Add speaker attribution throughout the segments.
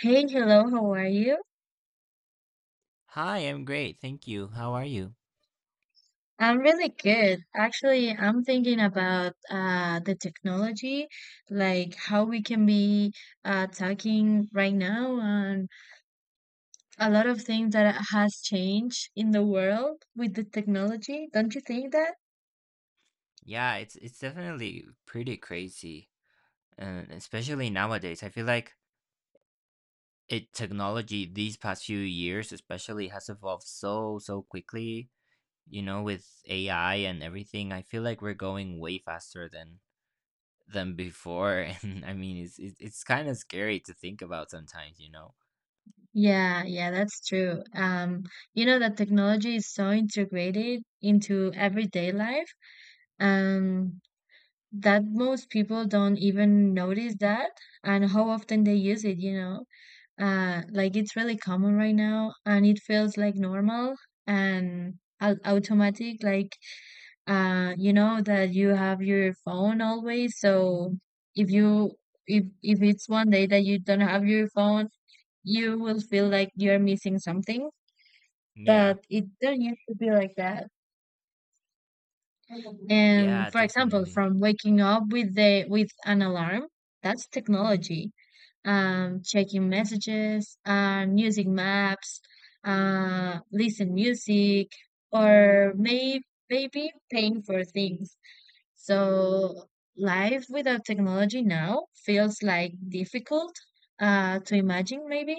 Speaker 1: Hey, hello, how are you?
Speaker 2: Hi, I'm great. Thank you. How are you?
Speaker 1: I'm really good. Actually, I'm thinking about the technology, like how we can be talking right now, and a lot of things that has changed in the world with the technology. Don't you think that?
Speaker 2: Yeah, it's definitely pretty crazy, and especially nowadays, I feel like it technology these past few years especially has evolved so quickly. You know, with AI and everything, I feel like we're going way faster than before, and I mean, it's kind of scary to think about sometimes. You know?
Speaker 1: Yeah, yeah, that's true. You know that technology is so integrated into everyday life, um, that most people don't even notice that and how often they use it. Like it's really common right now and it feels like normal and automatic, like you know that you have your phone always. So if you if it's one day that you don't have your phone, you will feel like you're missing something,
Speaker 2: Yeah,
Speaker 1: but it don't used to be like that. And
Speaker 2: yeah,
Speaker 1: for example,
Speaker 2: definitely.
Speaker 1: from waking up with an alarm, that's technology. Checking messages, and using maps, listen music, or maybe paying for things. So life without technology now feels like difficult to imagine, maybe,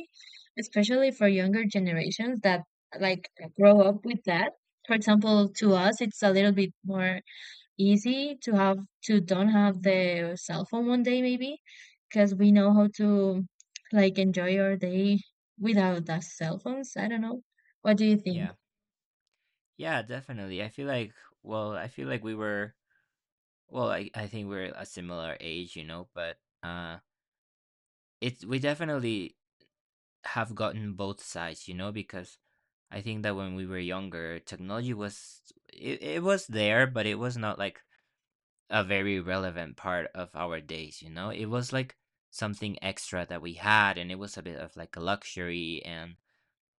Speaker 1: especially for younger generations that, like, grow up with that. For example, to us, it's a little bit more easy to have to don't have the cell phone one day maybe, because we know how to, like, enjoy our day without the cell phones. I don't know. What do you think?
Speaker 2: Yeah, yeah, definitely. I feel like well, I feel like we were Well, I think we're a similar age, you know, but it's we definitely have gotten both sides, you know, because I think that when we were younger, technology was it was there, but it was not like a very relevant part of our days, you know. It was like something extra that we had, and it was a bit of like a luxury, and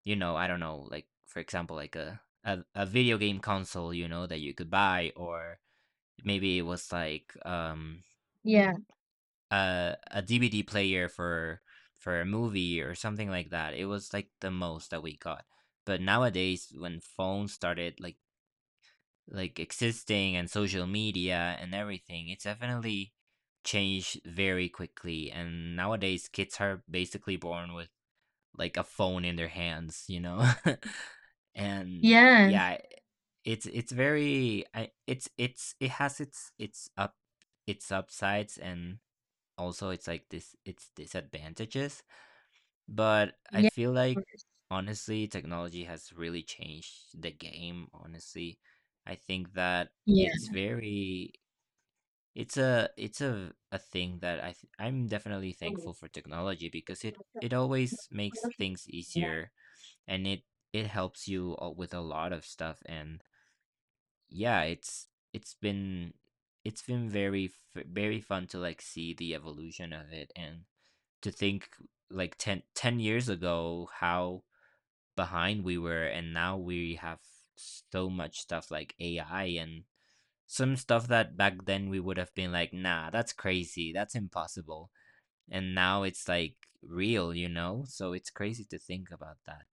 Speaker 2: you know, I don't know, like for example, like a video game console, you know, that you could buy, or maybe it was like
Speaker 1: Yeah.
Speaker 2: a DVD player for a movie or something like that. It was like the most that we got. But nowadays, when phones started like existing and social media and everything, it's definitely changed very quickly. And nowadays, kids are basically born with like a phone in their hands, you know. And
Speaker 1: Yeah.
Speaker 2: yeah, it's very it's it has its up its upsides and also it's like this it's disadvantages, but I
Speaker 1: Yeah.
Speaker 2: feel
Speaker 1: Of
Speaker 2: like
Speaker 1: course.
Speaker 2: honestly technology has really changed the game. Honestly, I think that it's a thing that I'm definitely thankful for. Technology because it always makes things
Speaker 1: Yeah.
Speaker 2: easier and it helps you with a lot of stuff. And yeah, it's been it's been very very fun to like see the evolution of it and to think like ten years ago how behind we were, and now we have so much stuff like AI and some stuff that back then we would have been like, nah, that's crazy, that's impossible, and now it's like real, you know? So it's crazy to think about that.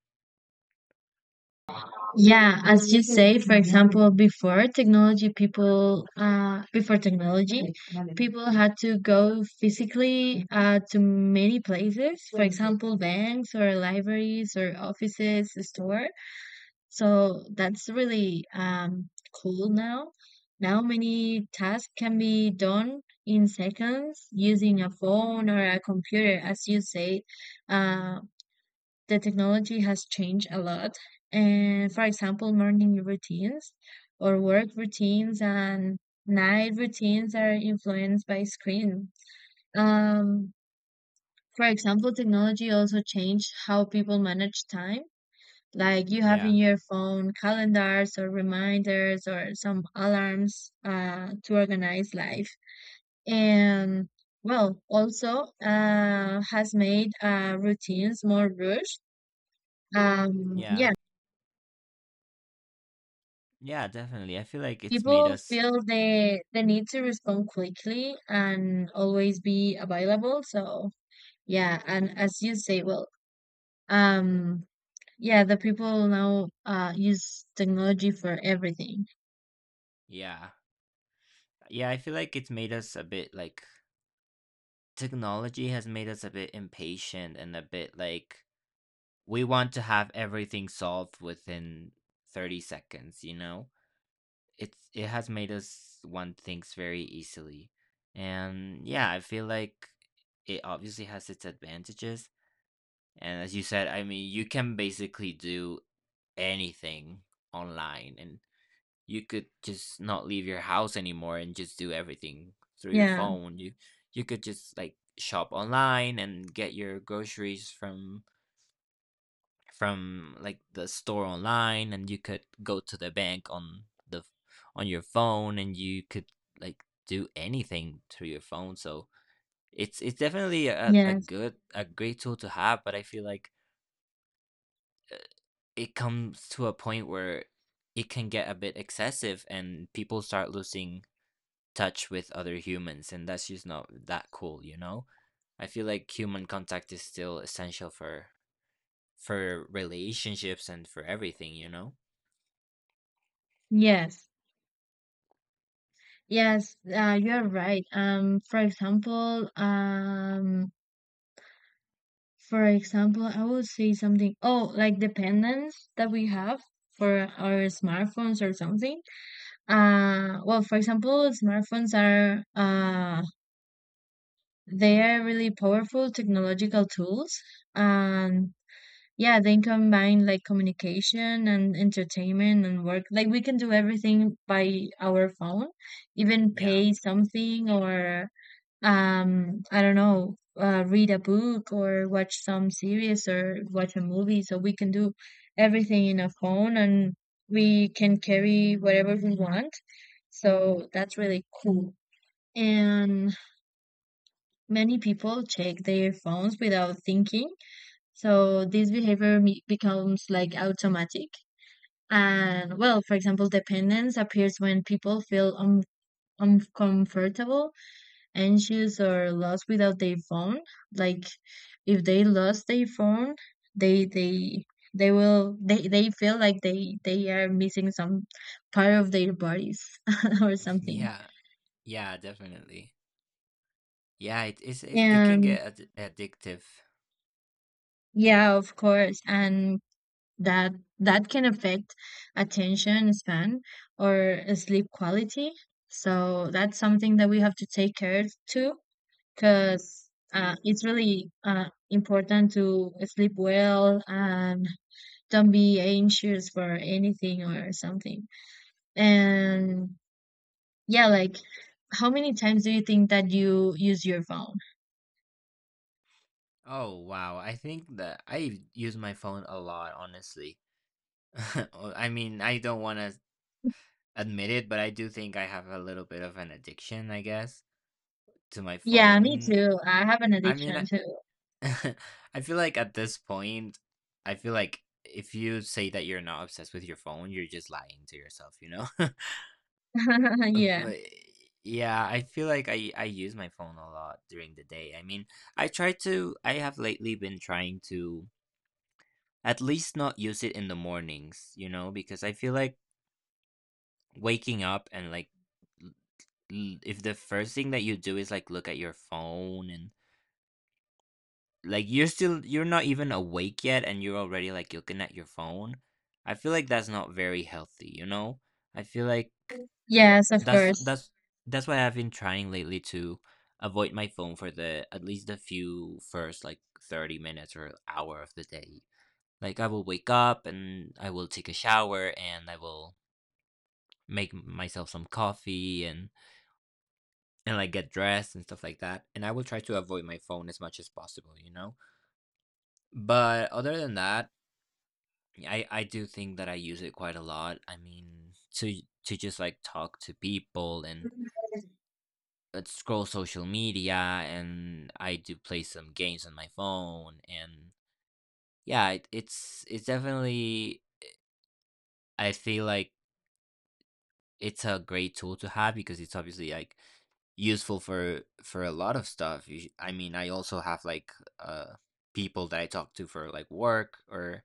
Speaker 1: Yeah, as you say, for example, before technology, people had to go physically to many places. For example, banks or libraries or offices, store. So that's really cool now. Now many tasks can be done in seconds using a phone or a computer. As you say, the technology has changed a lot. And for example, morning routines or work routines and night routines are influenced by screen. Um, for example, technology also changed how people manage time. Like, you have in
Speaker 2: Yeah,
Speaker 1: your phone calendars or reminders or some alarms to organize life. And well, also has made routines more rushed.
Speaker 2: yeah,
Speaker 1: Yeah.
Speaker 2: yeah, definitely. I feel like it's made
Speaker 1: People
Speaker 2: us
Speaker 1: feel the need to respond quickly and always be available. So yeah, and as you say, well, um, yeah, the people now use technology for everything.
Speaker 2: yeah, yeah, I feel like it's made us a bit like technology has made us a bit impatient and a bit like we want to have everything solved within 30 seconds, you know. It has made us want things very easily. And yeah, I feel like it obviously has its advantages, and as you said, I mean, you can basically do anything online, and you could just not leave your house anymore and just do everything through your
Speaker 1: Yeah.
Speaker 2: phone. You could just like shop online and get your groceries from like the store online, and you could go to the bank on your phone, and you could like do anything through your phone. So it's definitely
Speaker 1: Yes.
Speaker 2: a great tool to have. But I feel like uh, it comes to a point where it can get a bit excessive and people start losing touch with other humans, and that's just not that cool, you know? I feel like human contact is still essential for relationships and for everything, you know.
Speaker 1: Yes. Yes, you're right. For example, I would say something. Oh, like dependence that we have for our smartphones or something. Well, for example, smartphones are they are really powerful technological tools. Um, yeah, they combine, like, communication and entertainment and work. Like, we can do everything by our phone, even
Speaker 2: Yeah,
Speaker 1: pay something or I don't know, read a book or watch some series or watch a movie. So we can do everything in a phone, and we can carry whatever we want, so that's really cool. And many people check their phones without thinking, so this behavior becomes like automatic. And well, for example, dependence appears when people feel uncomfortable, anxious or lost without their phone. Like, if they lost their phone, they they they feel like they are missing some part of their bodies or something.
Speaker 2: yeah, yeah, definitely. Yeah, it is. It can
Speaker 1: And
Speaker 2: get addictive.
Speaker 1: yeah, of course. And that that can affect attention span or sleep quality, so that's something that we have to take care to, because it's really important to sleep well and don't be anxious for anything or something. And yeah, like, how many times do you think that you use your phone?
Speaker 2: Oh wow, I think that I use my phone a lot, honestly. Oh, I mean, I don't want to admit it, but I do think I have a little bit of an addiction, I guess, to my
Speaker 1: Yeah, me
Speaker 2: phone.
Speaker 1: too. I have an
Speaker 2: I mean, I,
Speaker 1: addiction too.
Speaker 2: I feel like at this point, I feel like if you say that you're not obsessed with your phone, you're just lying to yourself, you know?
Speaker 1: Yeah.
Speaker 2: But yeah, I feel like I use my phone a lot during the day. I mean, I have lately been trying to at least not use it in the mornings, you know, because I feel like waking up and like l- l- if the first thing that you do is like look at your phone, and like you're still you're not even awake yet and you're already like looking at your phone. I feel like that's not very healthy, you know? I feel like
Speaker 1: Yes, of
Speaker 2: That's
Speaker 1: course.
Speaker 2: that's that's why I've been trying lately to avoid my phone for the at least the few first like 30 minutes or hour of the day. Like I will wake up and I will take a shower and I will make myself some coffee and like get dressed and stuff like that. And I will try to avoid my phone as much as possible, you know? But other than that, I do think that I use it quite a lot. I mean, to just like talk to people and scroll social media, and I do play some games on my phone. And yeah, it's definitely I feel like it's a great tool to have because it's obviously like useful for a lot of stuff. I mean, I also have like uh people that I talk to for like work or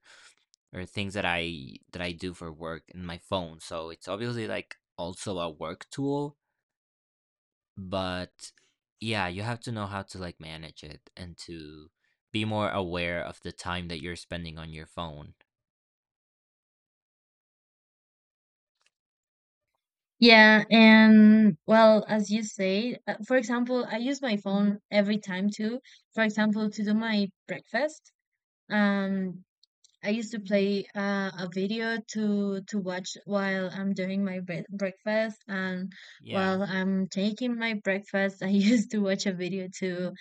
Speaker 2: things that I do for work in my phone. So it's obviously like also a work tool. But yeah, you have to know how to like manage it and to be more aware of the time that you're spending on your phone.
Speaker 1: Yeah, and well, as you say, for example, I use my phone every time too. For example, to do my breakfast. Um, I used to play a video to watch while I'm doing my breakfast, and
Speaker 2: Yeah.
Speaker 1: while I'm taking my breakfast, I used to watch a video too.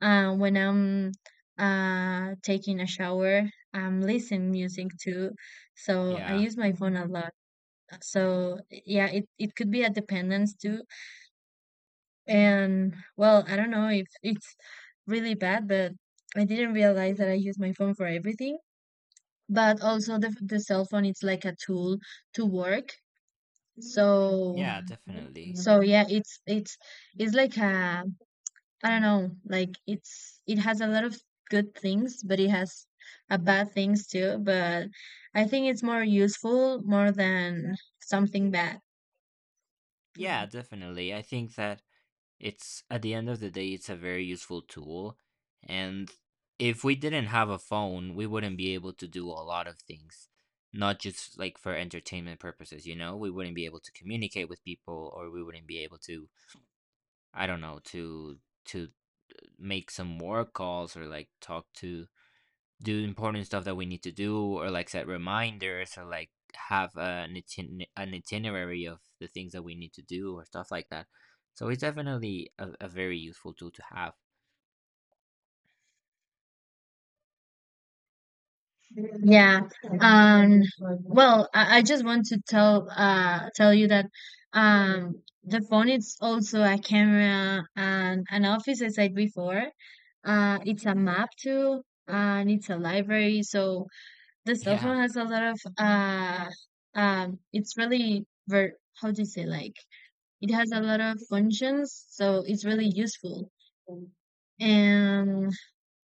Speaker 1: When I'm taking a shower, I'm listening music too. So I
Speaker 2: Yeah,
Speaker 1: use my phone a lot. So yeah, it could be a dependence too. And well, I don't know if it's really bad, but I didn't realize that I use my phone for everything. But also, the cell phone, it's like a tool to work. So
Speaker 2: yeah, definitely.
Speaker 1: so yeah, it's like a, I don't know, like it has a lot of good things, but it has a bad things too. But I think it's more useful more than something bad.
Speaker 2: Yeah, definitely, I think that it's at the end of the day it's a very useful tool. And if we didn't have a phone, we wouldn't be able to do a lot of things, not just like for entertainment purposes, you know. We wouldn't be able to communicate with people, or we wouldn't be able to I don't know, to to make some more calls, or like talk to do important stuff that we need to do, or like set reminders, or like have an itinerary of the things that we need to do, or stuff like that. So it's definitely a very useful tool to have.
Speaker 1: Yeah. Um, well, I just want to tell you that the phone is also a camera and an office, as I said before. It's a map too, and it's a library. So the cell
Speaker 2: Yeah.
Speaker 1: phone has a lot of it's really ver how do you say, like, it has a lot of functions, so it's really useful. And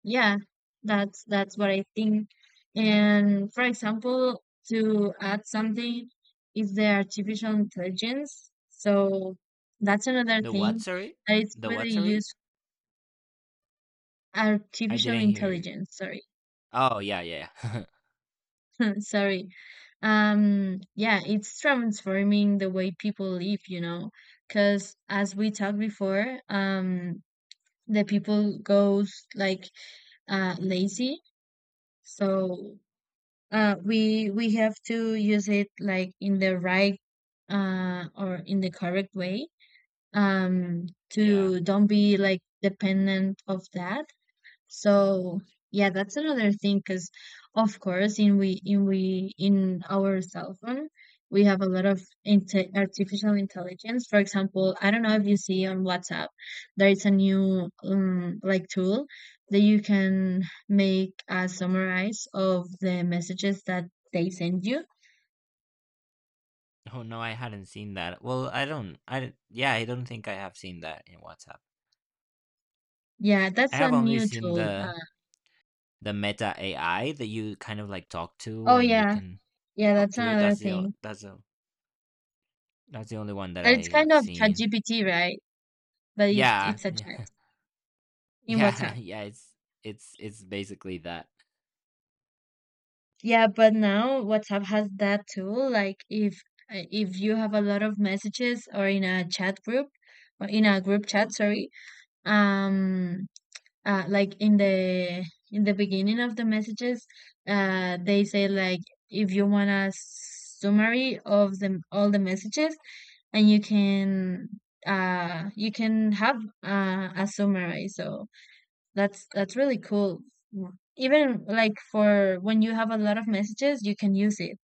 Speaker 1: yeah, that's what I think. And for example, to add something is the artificial intelligence. So that's another
Speaker 2: The what,
Speaker 1: thing
Speaker 2: sorry?
Speaker 1: that it's
Speaker 2: The what,
Speaker 1: really
Speaker 2: sorry?
Speaker 1: used.
Speaker 2: I
Speaker 1: Artificial
Speaker 2: didn't hear you.
Speaker 1: intelligence, sorry.
Speaker 2: Oh, yeah, yeah. Yeah.
Speaker 1: Sorry. Yeah, it's transforming the way people live, because as we talked before, the people goes, like, lazy. So we have to use it, like, in the right or in the correct way,
Speaker 2: Yeah.
Speaker 1: to don't be like dependent of that. So yeah, that's another thing, because of course in our cell phone we have a lot of inte artificial intelligence. For example, I don't know if you see on WhatsApp there is a new, like, tool that you can make a summarize of the messages that they send you.
Speaker 2: Oh, no, I hadn't seen that. Well, I, don't- yeah, I don't think I have seen that in WhatsApp.
Speaker 1: Yeah,
Speaker 2: I
Speaker 1: that's a
Speaker 2: have only
Speaker 1: new
Speaker 2: seen
Speaker 1: tool.
Speaker 2: the Meta AI that you kind of like talk to
Speaker 1: Oh
Speaker 2: and you
Speaker 1: yeah,
Speaker 2: can
Speaker 1: yeah,
Speaker 2: talk
Speaker 1: that's
Speaker 2: to it.
Speaker 1: another thing.
Speaker 2: That's the only one that
Speaker 1: That it's
Speaker 2: I
Speaker 1: kind
Speaker 2: have
Speaker 1: of
Speaker 2: seen.
Speaker 1: ChatGPT, right? But it,
Speaker 2: Yeah,
Speaker 1: it's a chat
Speaker 2: yeah,
Speaker 1: in
Speaker 2: yeah,
Speaker 1: WhatsApp.
Speaker 2: yeah. It's it's basically that.
Speaker 1: Yeah, but now WhatsApp has that tool. Like, if you have a lot of messages or in a chat group, or in a group chat, sorry, um, like, in the beginning of the messages, they say like, if you want a summary of the all the messages, and you can have a summary. So that's really cool. Even like for when you have a lot of messages, you can use it.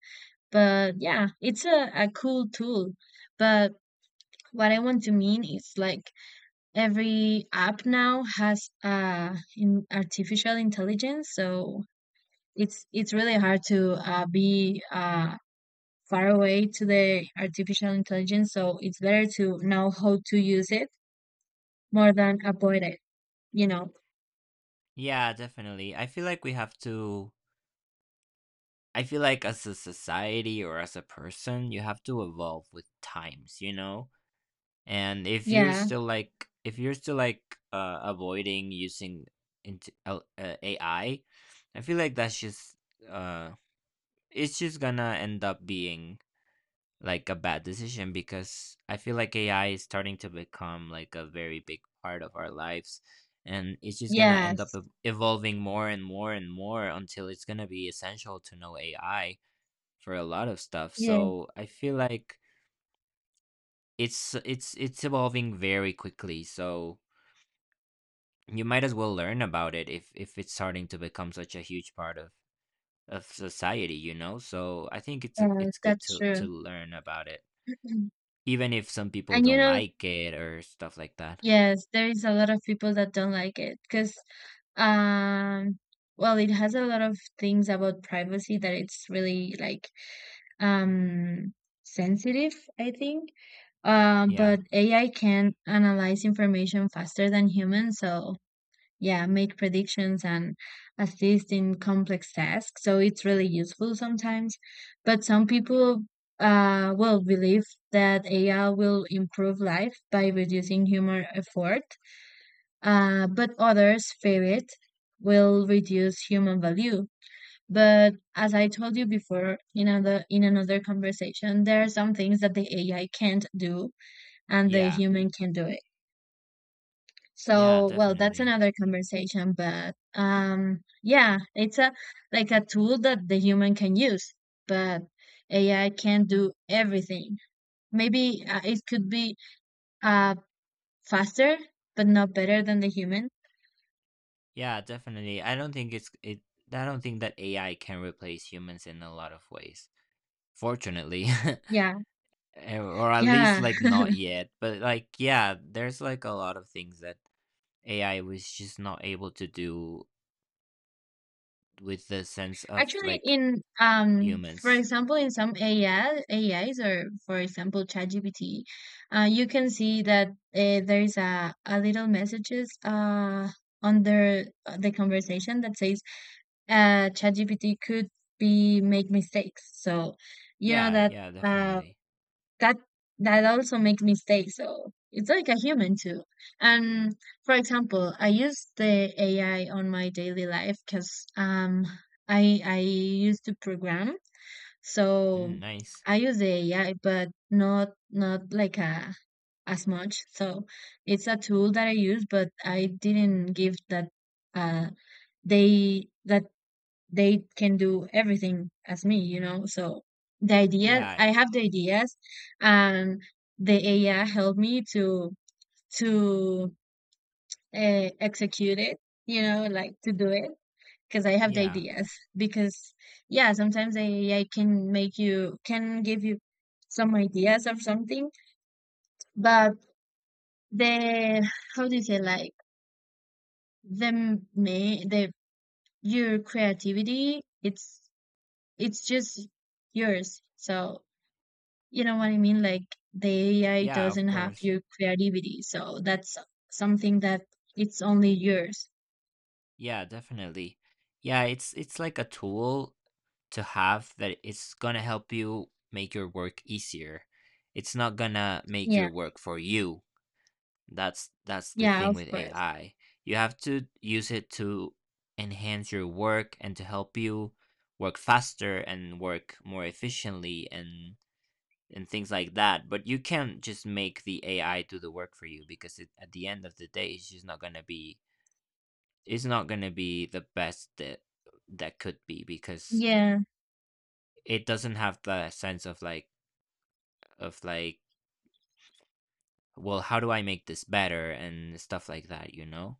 Speaker 1: But yeah, it's a cool tool. But what I want to mean is like, every app now has in artificial intelligence, so it's really hard to be far away to the artificial intelligence. So it's better to know how to use it more than avoid it, you know.
Speaker 2: Yeah, definitely. I feel like we have to. I feel like as a society or as a person, you have to evolve with times, you know. And
Speaker 1: Yeah.
Speaker 2: if you're still like avoiding using AI, I feel like that's just uh it's just gonna end up being like a bad decision, because I feel like AI is starting to become like a very big part of our lives. And it's just gonna end up
Speaker 1: Yes.
Speaker 2: evolving more and more and more until it's gonna be essential to know AI for a lot of stuff.
Speaker 1: Yes.
Speaker 2: So I feel like it's evolving very quickly. So you might as well learn about it if it's starting to become such a huge part of society, you know? So I think
Speaker 1: Yeah,
Speaker 2: it's good
Speaker 1: that's
Speaker 2: to
Speaker 1: true.
Speaker 2: learn about it. Even if some people
Speaker 1: And
Speaker 2: don't like it or stuff like that.
Speaker 1: yes, there is a lot of people that don't like it, because um, well, it has a lot of things about privacy that it's really like um sensitive, I think.
Speaker 2: Yeah.
Speaker 1: But AI can analyze information faster than humans, so yeah, make predictions and assist in complex tasks, so it's really useful sometimes. But some people, well, believe that AI will improve life by reducing human effort, but others fear it will reduce human value. But as I told you before, in another conversation, there are some things that the AI can't do and the
Speaker 2: Yeah.
Speaker 1: human can do it.
Speaker 2: Yeah,
Speaker 1: So, well, that's
Speaker 2: definitely.
Speaker 1: another conversation, but yeah, it's a like a tool that the human can use, but AI can do everything. Maybe it could be uh faster, but not better than the human.
Speaker 2: Yeah, definitely. I don't think that AI can replace humans in a lot of ways. Fortunately.
Speaker 1: Yeah,
Speaker 2: Eh, or at least
Speaker 1: yeah.
Speaker 2: like not yet. But like yeah, there's like a lot of things that AI was just not able to do with the sense of
Speaker 1: Actually,
Speaker 2: like
Speaker 1: in for
Speaker 2: humans.
Speaker 1: example, in some AI AIs, or for example ChatGPT, you can see that there is a little messages under the conversation that says ChatGPT could be make mistakes. So you know
Speaker 2: Yeah,
Speaker 1: that
Speaker 2: yeah,
Speaker 1: uh
Speaker 2: definitely.
Speaker 1: that that also makes mistakes. So it's like a human too. And for example, I use the AI on my daily life, because I used to program.
Speaker 2: Mm,
Speaker 1: So
Speaker 2: nice.
Speaker 1: I use the AI, but not like a as much. So it's a tool that I use, but I didn't give that uh they that they can do everything as me, you know? So
Speaker 2: Yeah,
Speaker 1: I have the ideas, and the AI helped me to execute it, like to do it, because I have the
Speaker 2: yeah.
Speaker 1: ideas. Because yeah, sometimes the AI can make you can give you some ideas of something, but the how do you say, like, the may the your creativity, it's just yours. So you know what I mean? Like, the AI
Speaker 2: Yeah, of
Speaker 1: doesn't have
Speaker 2: course.
Speaker 1: your creativity, so that's something that it's only yours.
Speaker 2: Yeah, definitely. Yeah, it's like a tool to have that it's gonna help you make your work easier. It's not gonna make
Speaker 1: Yeah,
Speaker 2: your work for you. That's the
Speaker 1: yeah,
Speaker 2: thing
Speaker 1: of
Speaker 2: with
Speaker 1: course.
Speaker 2: AI. You have to use it to enhance your work and to help you work faster and work more efficiently and things like that. But you can't just make the AI do the work for you because it, at the end of the day, it's just not gonna be is not going to be the best that that could be because
Speaker 1: Yeah,
Speaker 2: it doesn't have the sense of like well, how do I make this better and stuff like that, you know?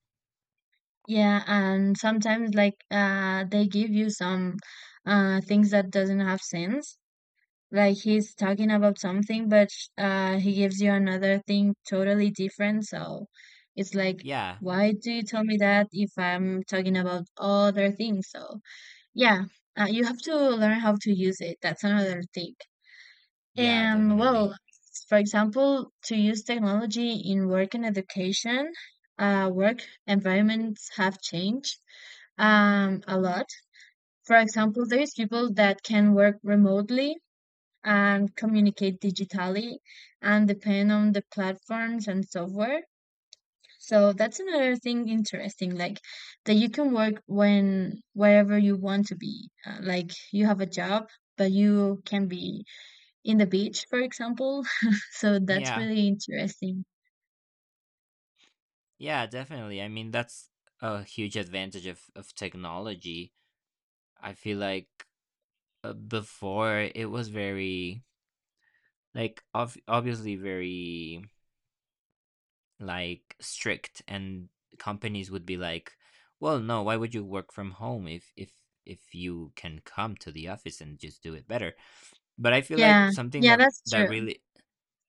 Speaker 1: yeah, and sometimes like, they give you some things that doesn't have sense. Like, he's talking about something, but he gives you another thing totally different. So it's like,
Speaker 2: Yeah,
Speaker 1: why do you tell me that if I'm talking about other things? So. Yeah, you have to learn how to use it. That's another thing.
Speaker 2: yeah,
Speaker 1: And well,
Speaker 2: definitely.
Speaker 1: for example, to use technology in work and education, work environments have changed a lot. For example, there's people that can work remotely and communicate digitally and depend on the platforms and software. So that's another thing interesting, like that you can work when wherever you want to be. Like you have a job, but you can be in the beach, for example. So that's
Speaker 2: Yeah,
Speaker 1: really interesting.
Speaker 2: yeah, definitely. I mean, that's a huge advantage of technology. I feel like before it was very like obviously very like strict, and companies would be like, well, no, why would you work from home if if you can come to the office and just do it better? But I feel like
Speaker 1: Yeah,
Speaker 2: something
Speaker 1: yeah,
Speaker 2: that
Speaker 1: that's true.
Speaker 2: really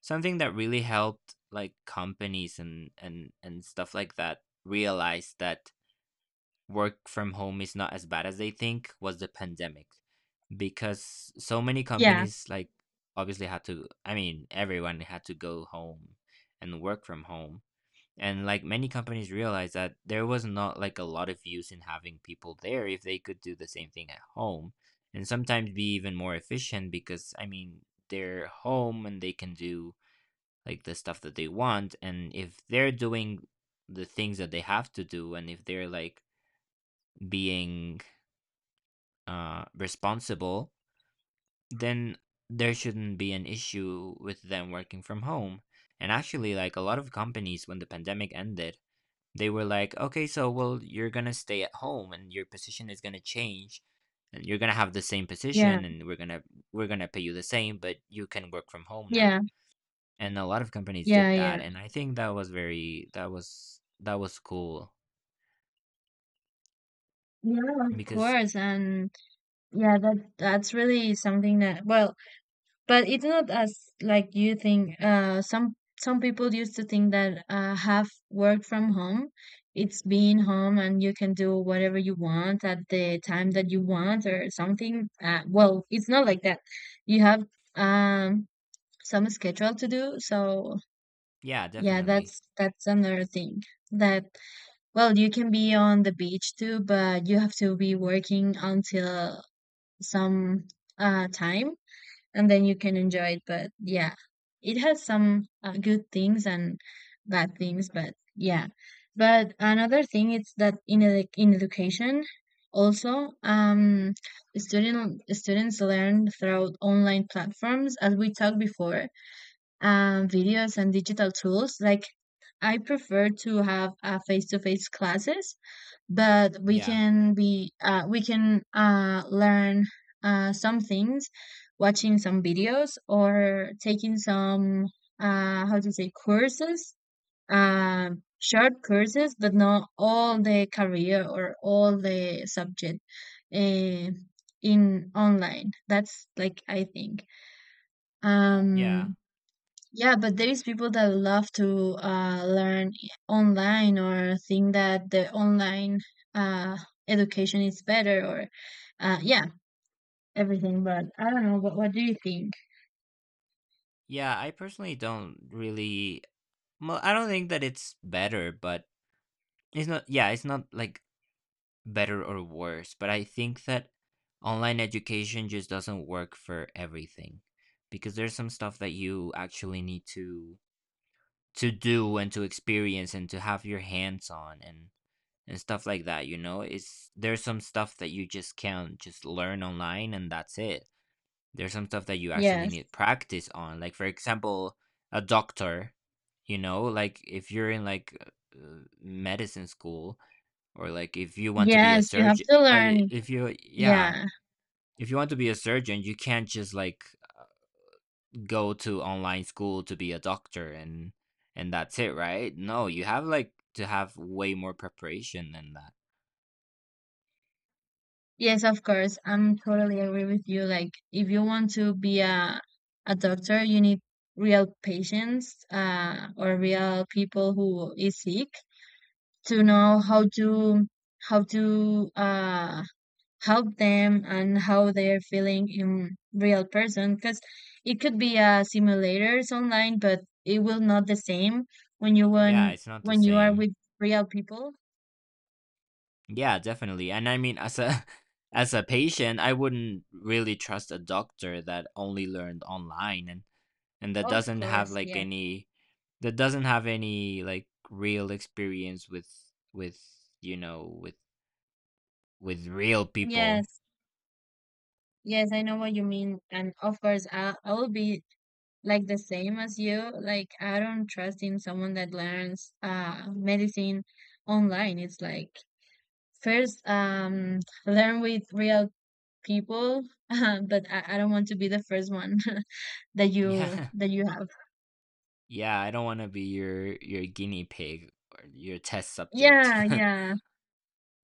Speaker 2: something that really helped like companies and and stuff like that realize that work from home is not as bad as they think was the pandemic. Because so many
Speaker 1: Yeah,
Speaker 2: companies like obviously had to, I mean, everyone had to go home and work from home, and like many companies realized that there was not like a lot of use in having people there if they could do the same thing at home and sometimes be even more efficient. Because, I mean, they're home and they can do like the stuff that they want, and if they're doing the things that they have to do, and if they're like being responsible, then there shouldn't be an issue with them working from home. And actually, like a lot of companies, when the pandemic ended, they were like, "Okay, so well, you're gonna stay at home, and your position is gonna change, and you're gonna have the same position,
Speaker 1: yeah,
Speaker 2: and we're gonna pay you the same, but you can work from home now."
Speaker 1: yeah,
Speaker 2: And a lot of companies did
Speaker 1: yeah,
Speaker 2: that,
Speaker 1: yeah.
Speaker 2: and I think that was that was cool
Speaker 1: Yeah, of
Speaker 2: because
Speaker 1: course. And yeah, that's really something that, well, but it's not as like you think some people used to think that have work from home it's being home and you can do whatever you want at the time that you want or something well it's not like that, you have um some schedule to do. So
Speaker 2: yeah,
Speaker 1: yeah,
Speaker 2: definitely,
Speaker 1: that's another thing that, well, you can be on the beach too, but you have to be working until some time and then you can enjoy it. But yeah, it has some good things and bad things. But yeah, but another thing is that in in education, also, students learn through online platforms, as we talked before, videos and digital tools. Like I prefer to have a face to face classes, but we
Speaker 2: yeah,
Speaker 1: can be we can learn some things watching some videos or taking some how to say courses, uh, short courses, but not all the career or all the subject, uh, in online. That's like I think,
Speaker 2: yeah,
Speaker 1: um yeah, but there is people that love to learn online or think that the online uh, education is better or yeah, everything. But I don't know. What do you think?
Speaker 2: yeah. I personally don't really. Well, I don't think that it's better, but it's not. Yeah, it's not like better or worse, but I think that online education just doesn't work for everything, because there's some stuff that you actually need to do and to experience and to have your hands on and stuff like that, you know? It's there's some stuff that you just can't just learn online and that's it. There's some stuff that you actually
Speaker 1: Yes,
Speaker 2: need practice on. Like, for example, a doctor, you know, like if you're in like medicine school, or like if you want to be a
Speaker 1: yes, you have
Speaker 2: surgeon,
Speaker 1: to learn.
Speaker 2: if you yeah
Speaker 1: Yeah,
Speaker 2: if you want to be a surgeon, you can't just like uh, go to online school to be a doctor and that's it, right? No, you have like to have way more preparation than that.
Speaker 1: yes, of course. I'm totally agree with you. Like, if you want to be a doctor, you need real patients, or real people who is sick, to know how to how to help them and how they're feeling in real person, because it could be simulators online, but it will not the same when you
Speaker 2: Yeah,
Speaker 1: when
Speaker 2: it's not the
Speaker 1: when you are
Speaker 2: same.
Speaker 1: with real people.
Speaker 2: Yeah, definitely. And I mean, as a as a patient, I wouldn't really trust a doctor that only learned online and that
Speaker 1: Of
Speaker 2: doesn't have
Speaker 1: course,
Speaker 2: like
Speaker 1: yeah.
Speaker 2: any that doesn't have any like real experience with, you know, with real people.
Speaker 1: Yes, yes, I know what you mean, and of course I will be like the same as you. Like, I don't trust in someone that learns medicine online. It's like, first, learn with real people. But I don't want to be the first one that you
Speaker 2: Yeah,
Speaker 1: that you have.
Speaker 2: yeah, I don't want to be your guinea pig or your test subject.
Speaker 1: Yeah, yeah,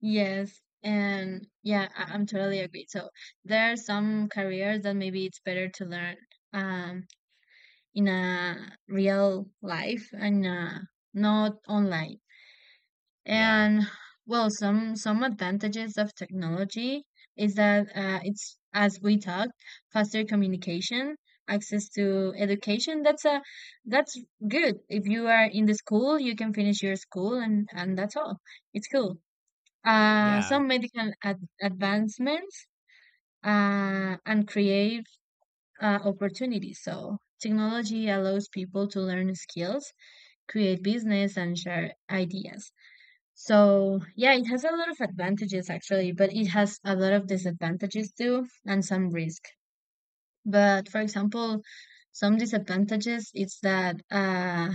Speaker 1: yes. And yeah, I'm totally agree. So there are some careers that maybe it's better to learn um in a real life and not online.
Speaker 2: Yeah,
Speaker 1: And well, some advantages of technology is that it's, as we talked, faster communication, access to education. That's a, that's good. If you are in the school, you can finish your school, and that's all. It's cool.
Speaker 2: yeah,
Speaker 1: Some medical advancements and create opportunities. So technology allows people to learn skills, create business, and share ideas. So yeah, it has a lot of advantages actually, but it has a lot of disadvantages too and some risk. But for example, some disadvantages is that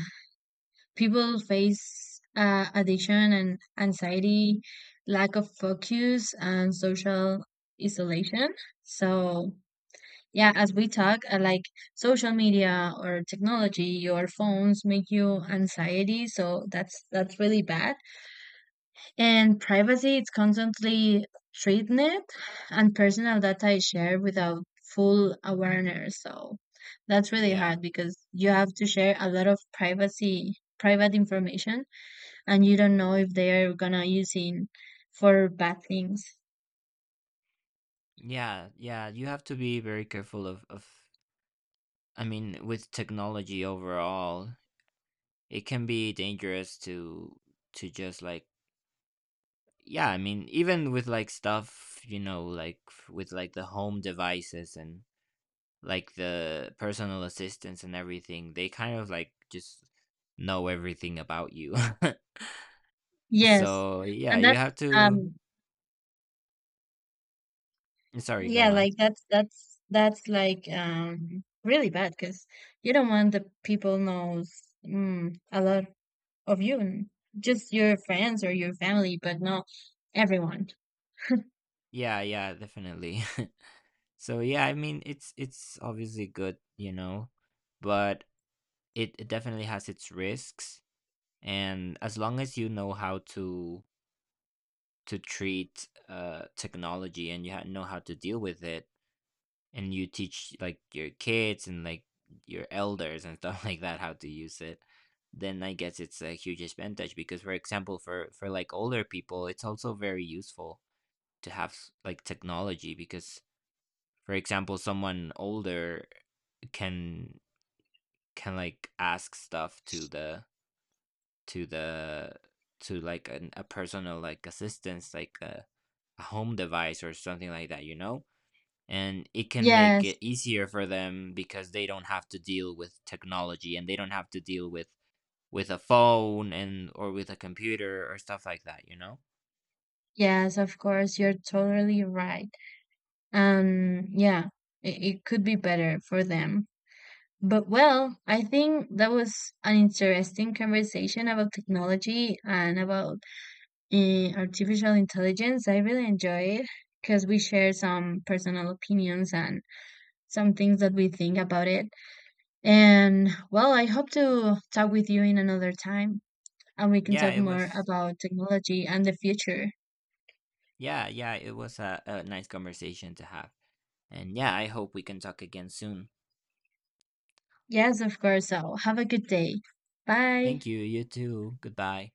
Speaker 1: people face addiction and anxiety, lack of focus, and social isolation. So yeah, as we talk, like social media or technology or phones make you anxiety, so that's really bad, and privacy is constantly threatened, and personal data is shared without full awareness. So that's really
Speaker 2: yeah,
Speaker 1: hard because you have to share a lot of privacy, private information, and you don't know if they are gonna using for bad things.
Speaker 2: yeah, yeah, you have to be very careful of I mean, with technology overall, it can be dangerous to just like yeah, I mean, even with like stuff, you know, like with like the home devices and like the personal assistants and everything, they kind of like just know everything about you.
Speaker 1: Yes,
Speaker 2: So yeah,
Speaker 1: and
Speaker 2: you
Speaker 1: that's
Speaker 2: have to.
Speaker 1: um
Speaker 2: Sorry, go
Speaker 1: yeah,
Speaker 2: on.
Speaker 1: like that's like really bad because you don't want the people knows a lot of you, just your friends or your family, but not everyone.
Speaker 2: Yeah, yeah, definitely. So yeah, I mean, it's obviously good, you know, but it definitely has its risks. And as long as you know how to treat technology and you know how to deal with it, and you teach, like, your kids and, like, your elders and stuff like that how to use it, then I guess it's a huge advantage because, for example, for like, older people, it's also very useful to have s like, technology because, for example, someone older can can, like, ask stuff to the to the to, like, an a personal, like, assistance, like, a home device or something like that, you know? And it can make
Speaker 1: Yes,
Speaker 2: it easier for them because they don't have to deal with technology, and they don't have to deal with a phone and or with a computer or stuff like that, you know?
Speaker 1: yes, of course, you're totally right. Yeah, it could be better for them. But well, I think that was an interesting conversation about technology and about artificial intelligence. I really enjoyed it because we share some personal opinions and some things that we think about it. And well, I hope to talk with you in another time, and we can
Speaker 2: Yeah,
Speaker 1: talk
Speaker 2: it
Speaker 1: more
Speaker 2: was
Speaker 1: about technology and the future.
Speaker 2: yeah, yeah, it was a nice conversation to have, and yeah, I hope we can talk again soon.
Speaker 1: Yes, of course. So have a good day. Bye.
Speaker 2: Thank you, you too, goodbye.